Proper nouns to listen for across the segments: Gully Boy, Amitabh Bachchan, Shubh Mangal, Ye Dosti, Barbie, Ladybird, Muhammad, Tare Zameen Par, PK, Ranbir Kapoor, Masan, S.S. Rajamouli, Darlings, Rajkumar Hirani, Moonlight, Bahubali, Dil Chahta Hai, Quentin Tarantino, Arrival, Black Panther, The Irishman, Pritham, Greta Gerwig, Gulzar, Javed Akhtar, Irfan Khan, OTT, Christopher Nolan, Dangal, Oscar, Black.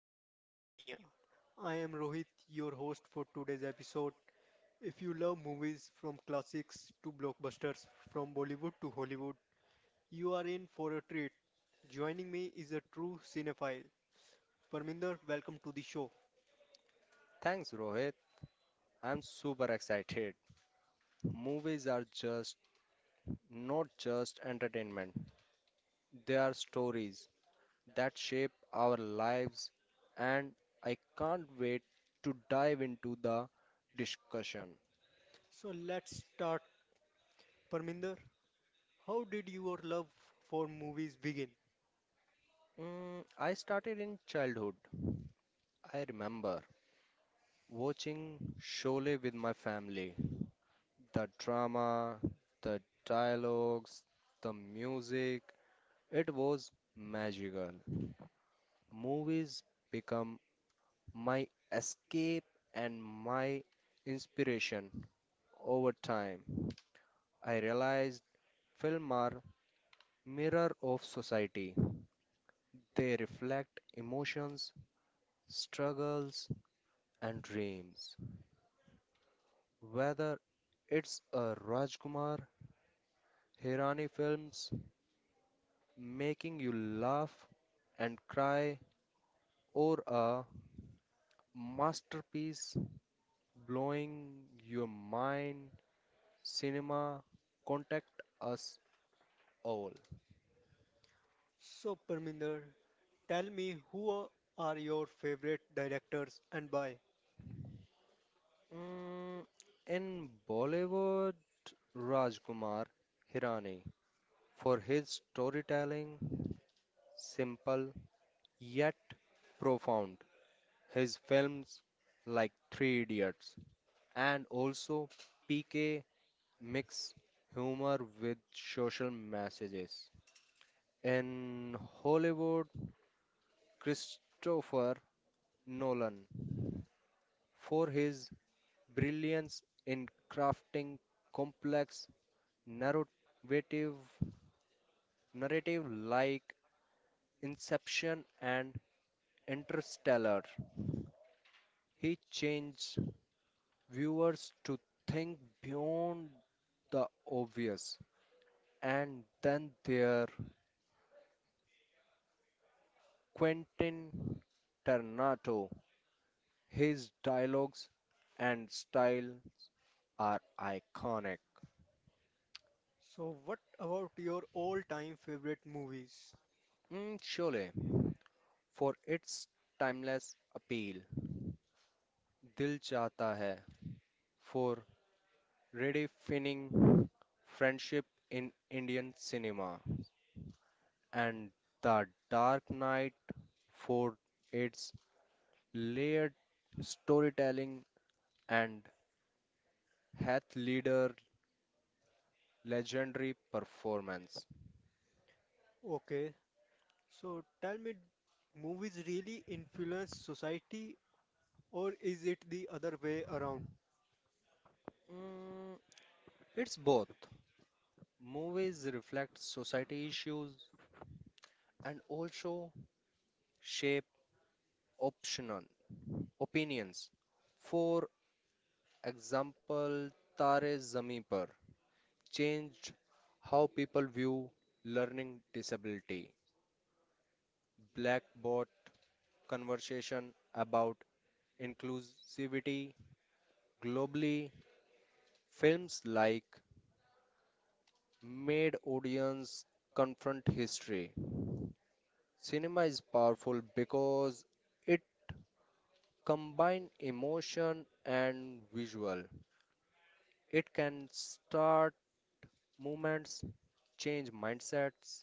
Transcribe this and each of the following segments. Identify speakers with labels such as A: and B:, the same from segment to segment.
A: to Movie Mania. I am Rohit, your host for today's episode. If you love movies from classics to blockbusters, from Bollywood to Hollywood, you are in for a treat. Joining me is a true cinephile. Parminder, welcome to the show.
B: Thanks, Rohit. I'm super excited. Movies are just not just entertainment, they are stories that shape our lives, and I can't wait to dive into the discussion.
A: So, let's start. Parminder, how did your love for movies begin?
B: I started in childhood. I remember watching Sholay with my family. The drama, the dialogues, the music, it was magical. Movies become my escape and my inspiration. Over time, I realized film are mirror of society. They reflect emotions, struggles, and dreams. Whether it's a Rajkumar Hirani films making you laugh and cry or a masterpiece blowing your mind, cinema contact us all.
A: So, Parminder, tell me who are your favorite directors and why?
B: Mm, in Bollywood, Rajkumar Hirani for his storytelling, simple yet profound. His films like Three Idiots and also PK mix humor with social messages. In Hollywood, Christopher Nolan for his brilliance in crafting complex narrative narrative like Inception and Interstellar. He challenged viewers to think beyond the obvious. And then there, Quentin Tarantino. His dialogues and style are iconic.
A: So, what about your all time favorite movies?
B: Sholay for its timeless appeal. Dil Chahta Hai for redefining friendship in Indian cinema, and The Dark Knight for its layered storytelling and Heath Ledger's legendary performance.
A: Okay, so tell me, movies really influence society or is it the other way around?
B: Mm, it's both. Movies reflect society issues and also shape optional opinions. For example, Tare Zameen Par changed how people view learning disability. Black Bot conversation about inclusivity globally. Films like made audience confront history. Cinema is powerful because it combines emotion and visual. It can start movements, change mindsets,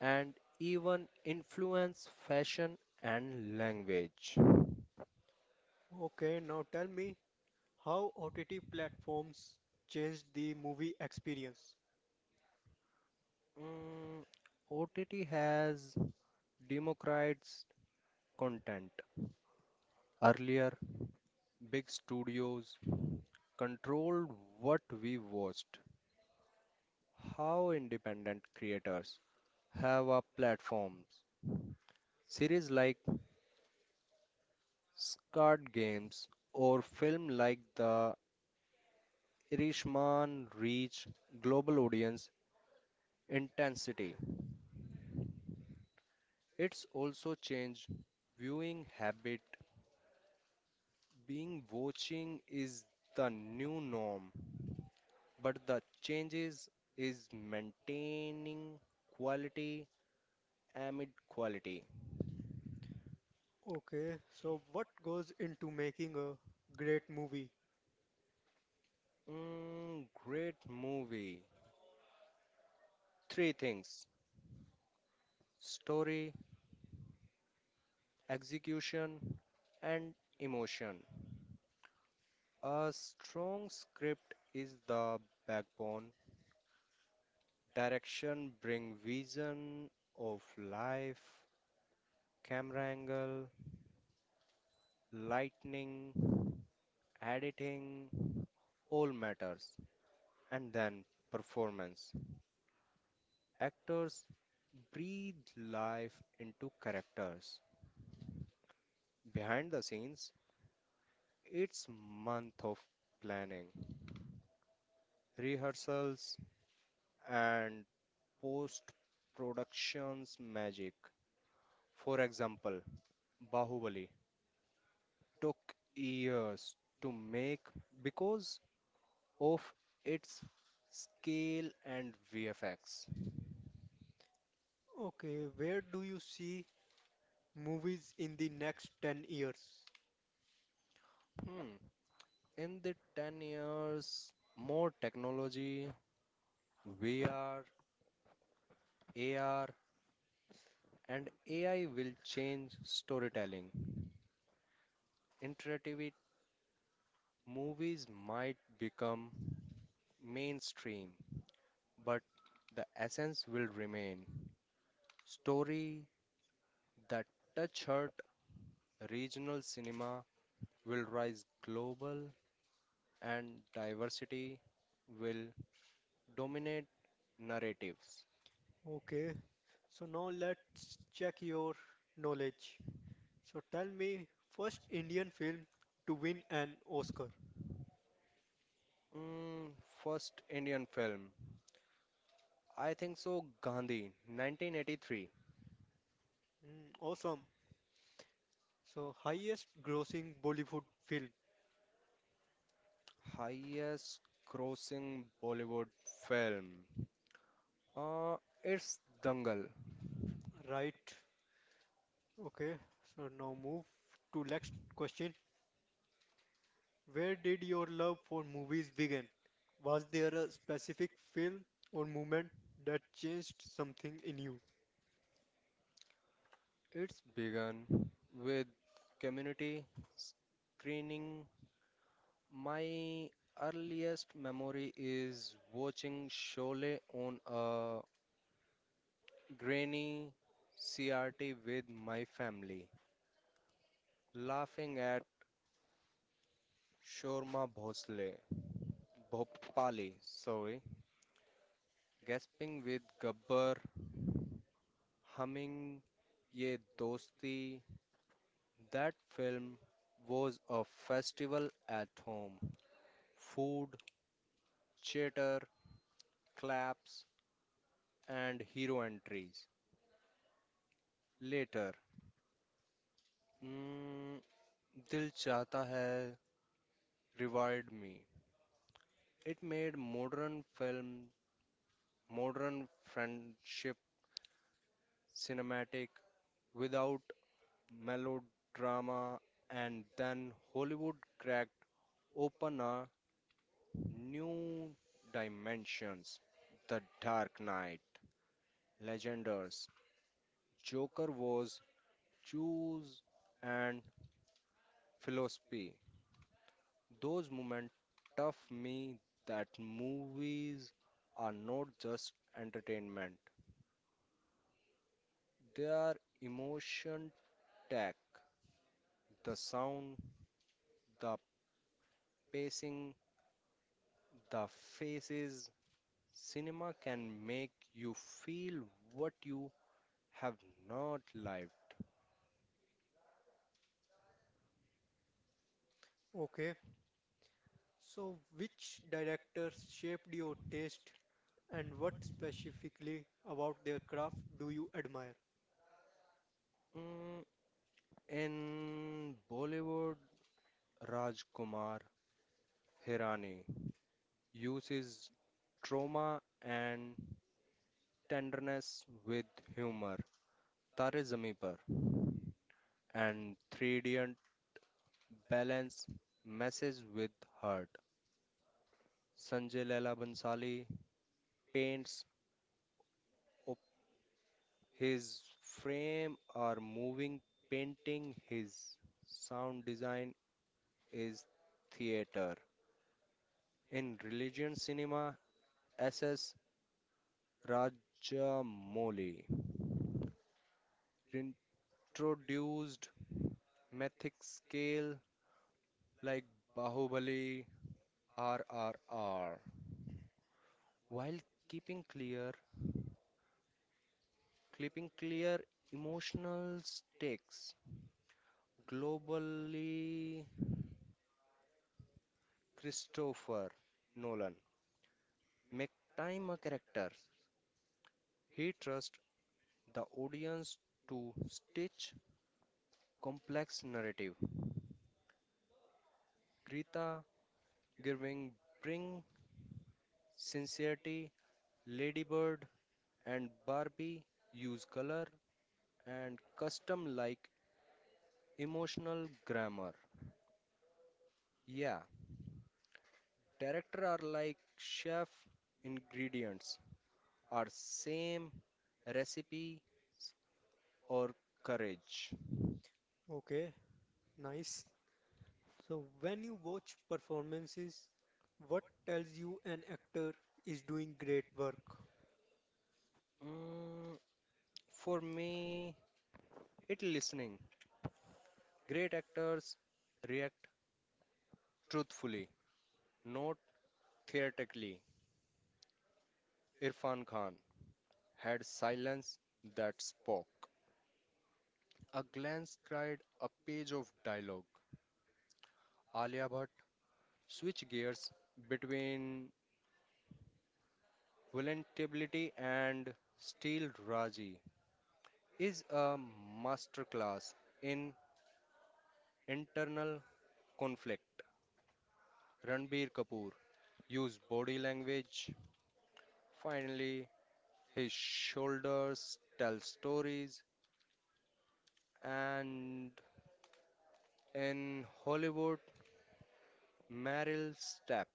B: and even influence fashion and language.
A: Okay, now tell me how OTT platforms changed the movie experience.
B: Mm, OTT has democratized content. Earlier, big studios controlled what we watched. How independent creators have a platforms. Series like Squid Games or film like The Irishman reach global audience intensity. It's also changed viewing habit. Being watching is the new norm, but the changes is maintaining quality amid quality.
A: Okay, so what goes into making a great movie?
B: Great movie. Three things: story, execution, and emotion. A strong script is the backbone. Direction bring vision of life, camera angle, lightning, editing, all matters. And then performance. Actors breathe life into characters. Behind the scenes, it's month of planning rehearsals, and post productions magic. For example, Bahubali took years to make because of its scale and VFX.
A: Okay, where do you see movies in the next 10 years?
B: Hmm. In the 10 years, more technology, VR, AR, and AI will change storytelling. Interactive movies might become mainstream, but the essence will remain. Story that touch heart regional cinema will rise global and diversity will dominate narratives.
A: Okay, so now let's check your knowledge. So tell me, first Indian film to win an Oscar.
B: Mm, First Indian film. I think so Gandhi 1983
A: Mm, awesome. So, highest grossing Bollywood film,
B: highest grossing Bollywood film. Uh, it's Dangal.
A: right? Okay, so now move to next question. Where did your love for movies begin? Was there a specific film or moment that changed something in you?
B: It's begun with community screening. My earliest memory is watching Sholay on a grainy CRT with my family, laughing at Shorma Bhosle, Bhopali, sorry, gasping with Gabbar, humming Ye Dosti. That film was a festival at home. Food, chatter, claps, and hero entries. Later, mm, Dil Chahta Hai reward me it made modern film modern friendship cinematic without melodrama. And then Hollywood cracked open a new dimensions. The Dark Knight legenders Joker was choose and philosophy. Those moments tough me that movies are not just entertainment. Their emotion tag, the sound, the pacing, the faces. Cinema can make you feel what you have not lived.
A: Okay, so which director shaped your taste and what specifically about their craft do you admire?
B: Mm, in Bollywood, Rajkumar Hirani uses trauma and tenderness with humor. Tare Zami Par and 3D balance message with heart. Sanjay Leela Bhansali paints Op- his frame are moving, painting his sound design is theater. In religion cinema, S.S. Rajamouli introduced mythic scale like Bahubali RRR while keeping clear keeping clear emotional stakes globally. Christopher Nolan make time a character. He trusts the audience to stitch complex narrative. Greta Gerwig bring sincerity, Ladybird and Barbie use color and custom like emotional grammar. Yeah, character are like chef ingredients are same recipes or courage.
A: Okay, nice. So when you watch performances, what tells you an actor is doing great work?
B: Mm, for me, it listening. Great actors react truthfully, not theatrically. Irfan Khan had silence that spoke. A glance cried a page of dialogue. Alia Bhatt switched gears between vulnerability and steel. Raji is a masterclass in internal conflict. Ranbir Kapoor used body language. Finally, his shoulders tell stories. And in Hollywood, Meryl Streep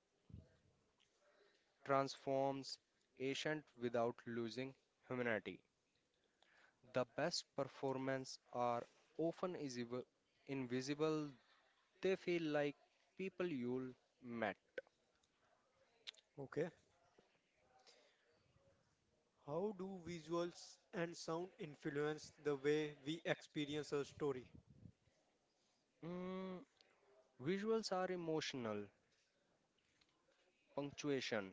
B: transforms Ancient without losing humanity. The best performances are often invisible, they feel like people you'll met.
A: Okay. How do visuals and sound influence the way we experience a story?
B: Mm, Visuals are emotional, punctuation,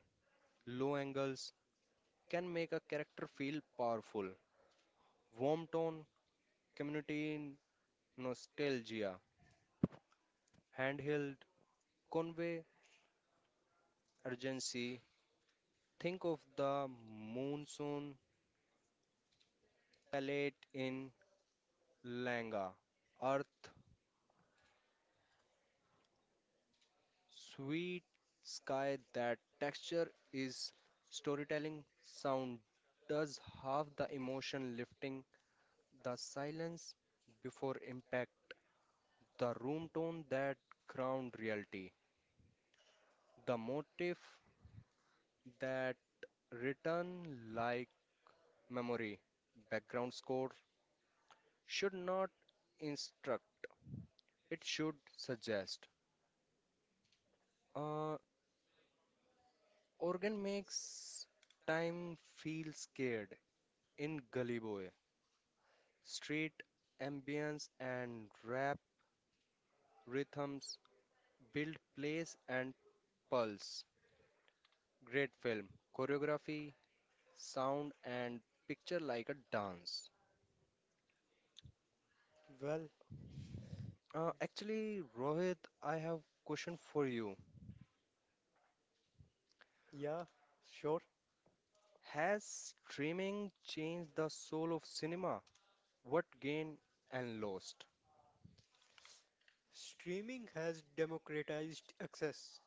B: low angles can make a character feel powerful. Warm tone, community nostalgia, handheld, convey urgency. Think of the monsoon palette in Langa. Earth, sweet sky, that texture is storytelling. Sound does half the emotion, lifting the silence before impact. The room tone that ground reality. The motif that return like memory. Background score should not instruct, it should suggest. Uh, Organ makes time feel scared in Gully Boy. Street ambience and rap rhythms build place and pulse. Great film. Choreography, sound and picture like a dance.
A: Well,
B: Actually, Rohit, I have question for you.
A: yeah, sure.
B: Has streaming changed the soul of cinema? What gained and lost?
A: Streaming has democratized access.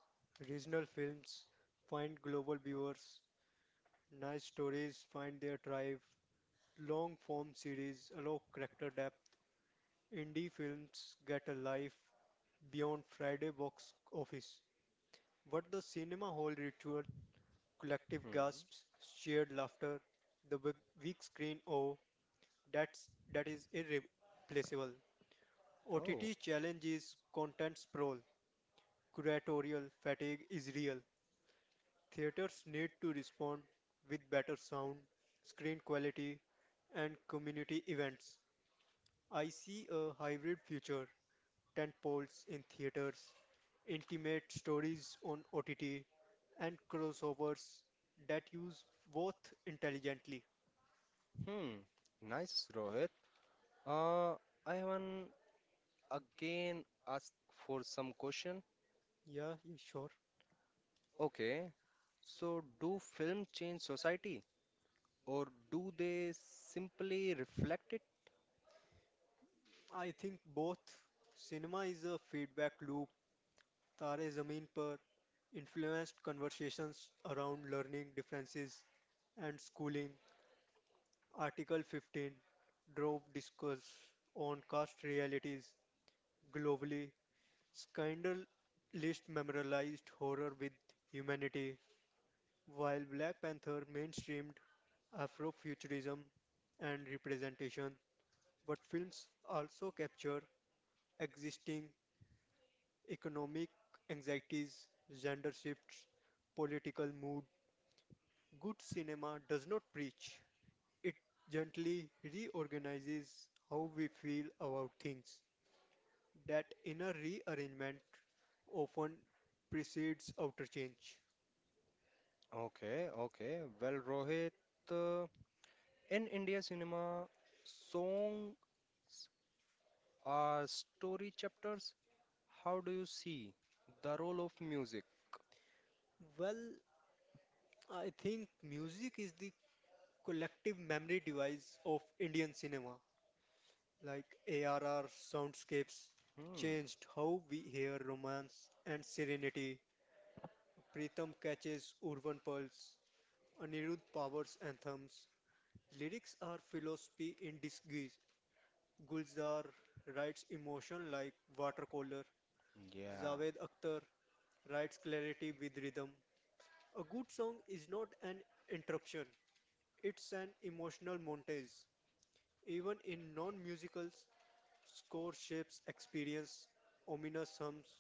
A: Regional films find global viewers, nice stories find their tribe, long form series allow character depth, Indie films get a life beyond Friday box office. What the cinema hall ritual, collective
B: Hmm.
A: gasps, shared laughter, the big, big screen, oh, that is irreplaceable.
B: Oh.
A: OTT challenges content sprawl, curatorial fatigue is real. Theaters need to respond with better sound, screen quality, and community events. I see a hybrid future, tent poles in theaters, intimate stories on OTT, and crossovers that use both intelligently.
B: Hmm. Nice, Rohit. Uh, I want again ask for some question.
A: Yeah, yeah, sure.
B: Okay, so do film change society or do they simply reflect it?
A: I think both. Cinema is a feedback loop. Tare Zameen Par influenced conversations around learning differences and schooling. Article 15 drove discourse on caste realities globally. Scandal least memorialized horror with humanity, while Black Panther mainstreamed Afrofuturism and representation, but films also capture existing economic anxieties, gender shifts, political mood. Good cinema does not preach, it gently reorganizes how we feel about things. That inner rearrangement often precedes outer change.
B: Okay, okay. Well, Rohit, uh, in India cinema, songs are story chapters. How do you see the role of music?
A: Well, I think music is the collective memory device of Indian cinema. Like ARR soundscapes
B: Hmm,
A: changed how we hear romance and serenity. Pritham catches urban pulse. Anirudh powers anthems. Lyrics are philosophy in disguise. Gulzar writes emotion like watercolor.
B: yeah.
A: Javed Akhtar writes clarity with rhythm. A good song is not an interruption, it's an emotional montage. Even in non musicals, score shapes experience, ominous hums,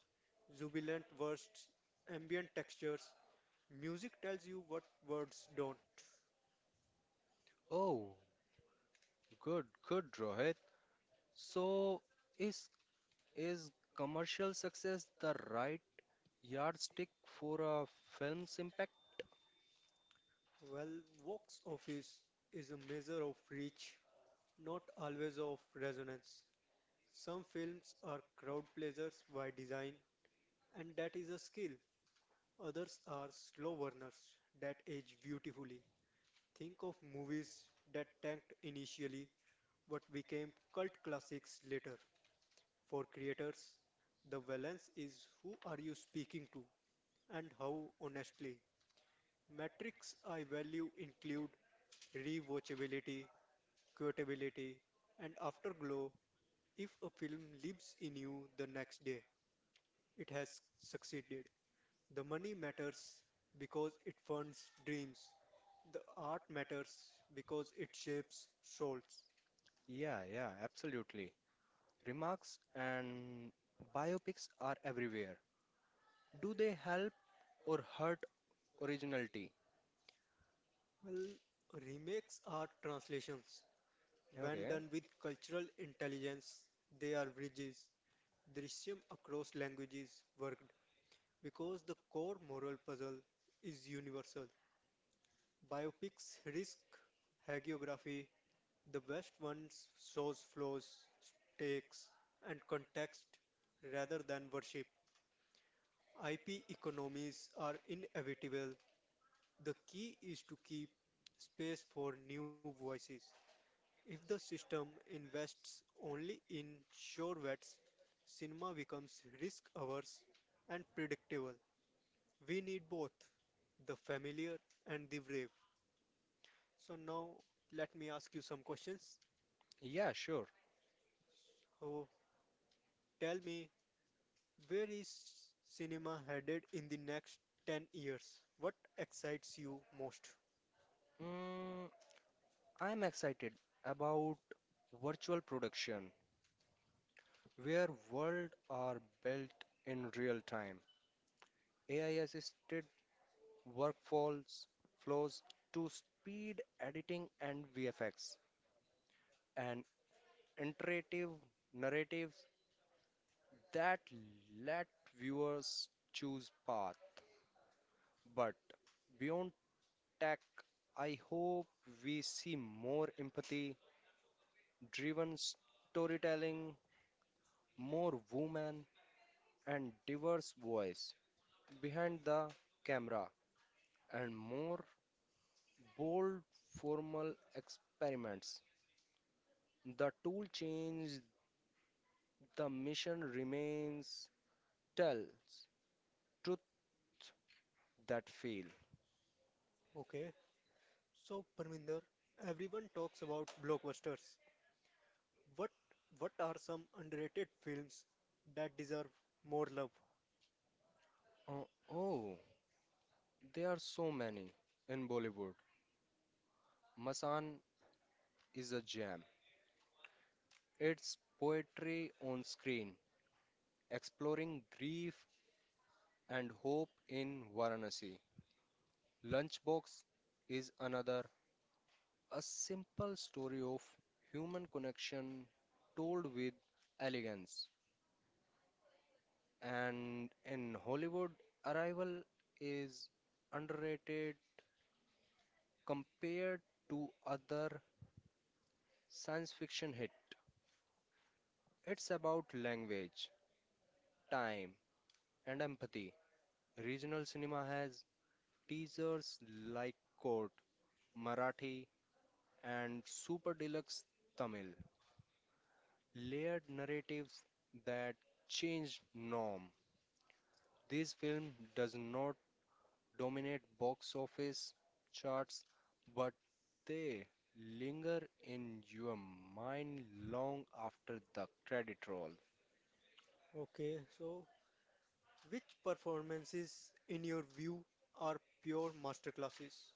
A: jubilant bursts, ambient textures. Music tells you what words don't.
B: Oh, good, good, Rohit. So, is is commercial success the right yardstick for a film's impact?
A: Well, Vox Office is a measure of reach, not always of resonance. Some films are crowd pleasers by design, and that is a skill. Others are slow burners that age beautifully. Think of movies that tanked initially but became cult classics later. For creators, the balance is who are you speaking to and how honestly. Metrics I value include rewatchability, quotability, and afterglow. If a film lives in you the next day, it has succeeded. The money matters because it funds dreams. The art matters because it shapes souls.
B: Yeah, yeah, absolutely. Remarks and biopics are everywhere. Do they help or hurt originality?
A: Well, remakes are translations. When
B: Okay,
A: done with cultural intelligence, they are bridges, drishyam across languages worked because the core moral puzzle is universal. Biopics risk hagiography, the best ones shows flaws, stakes, and context rather than worship. IP economies are inevitable. The key is to keep space for new voices. If the system invests only in sure bets, cinema becomes risk averse and predictable. We need both the familiar and the brave. So now let me ask you some questions.
B: yeah, sure.
A: Oh, tell me, where is cinema headed in the next 10 years? What excites you most?
B: Mm, I'm excited about virtual production, where world are built in real time. AI-assisted workflows flows to speed editing and VFX. And interactive narratives that let viewers choose path. But beyond tech, I hope we see more empathy driven storytelling, more women and diverse voice behind the camera, and more bold formal experiments. The tool change, the mission remains, tells truth that fail.
A: Okay. So Parminder, everyone talks about blockbusters. What what are some underrated films that deserve more love?
B: Oh, oh, there are so many in Bollywood. Masan is a gem. It's poetry on screen, exploring grief and hope in Varanasi. Lunchbox is another, a simple story of human connection told with elegance. And in Hollywood, Arrival is underrated compared to other science fiction hit. It's about language, time, and empathy. Regional cinema has teasers like Court, Marathi, and Super Deluxe Tamil, layered narratives that change norm. This film does not dominate box office charts, but they linger in your mind long after the credit roll.
A: Okay, so which performances in your view are pure masterclasses?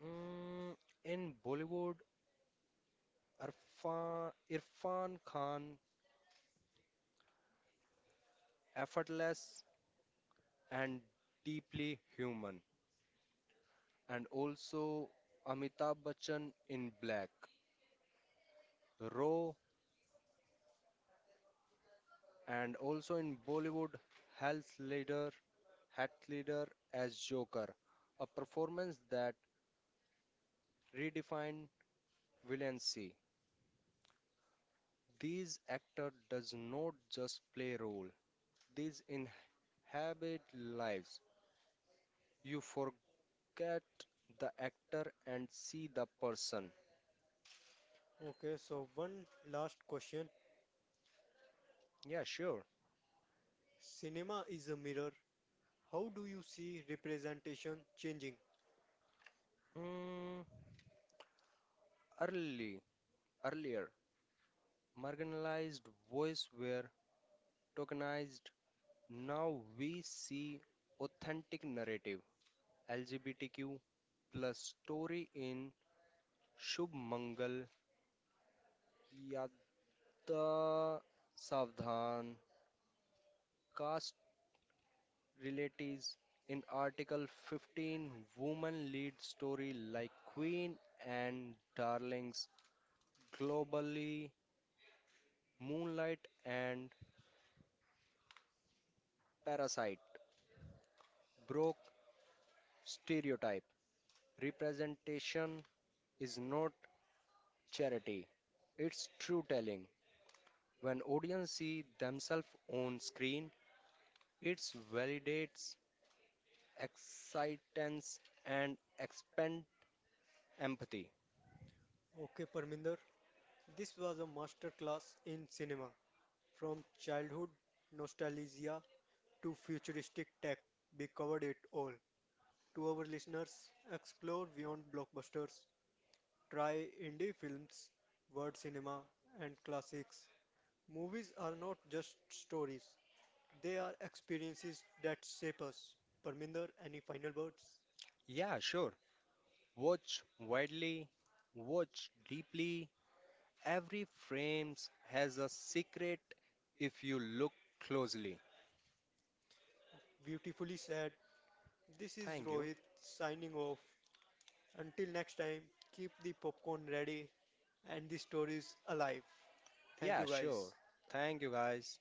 B: Mm, in Bollywood, Irfan Khan effortless and deeply human. And also Amitabh Bachchan in Black, Raw, and also in Bollywood, Health Leader, Hat Leader as Joker, a performance that redefined violency. These actor does not just play role; these inhabit lives. You forget the actor and see the person.
A: Okay, so one last question.
B: Yeah, sure.
A: Cinema is a mirror. How do you see representation changing?
B: Mm, early, earlier, marginalized voice were tokenized. Now we see authentic narrative LGBTQ plus story in Shubh Mangal, Yada Savdhan, caste relatives. In Article 15, women lead story like Queen and Darlings, globally, Moonlight and Parasite broke stereotype. Representation is not charity, it's true telling. When audience see themselves on screen, it validates excitance and expand empathy.
A: Okay, Parminder, this was a masterclass in cinema. From childhood nostalgia to futuristic tech, we covered it all. To our listeners, explore beyond blockbusters. Try indie films, word cinema, and classics. Movies are not just stories, they are experiences that shape us. Parminder, any final words?
B: Yeah, sure. Watch widely, watch deeply. Every frame has a secret if you look closely.
A: Beautifully said. This is
B: Thank you.
A: Rohit signing off. Until next time, keep the popcorn ready and the stories alive. Thank
B: Yeah,
A: you
B: sure.
A: guys.
B: Thank you guys.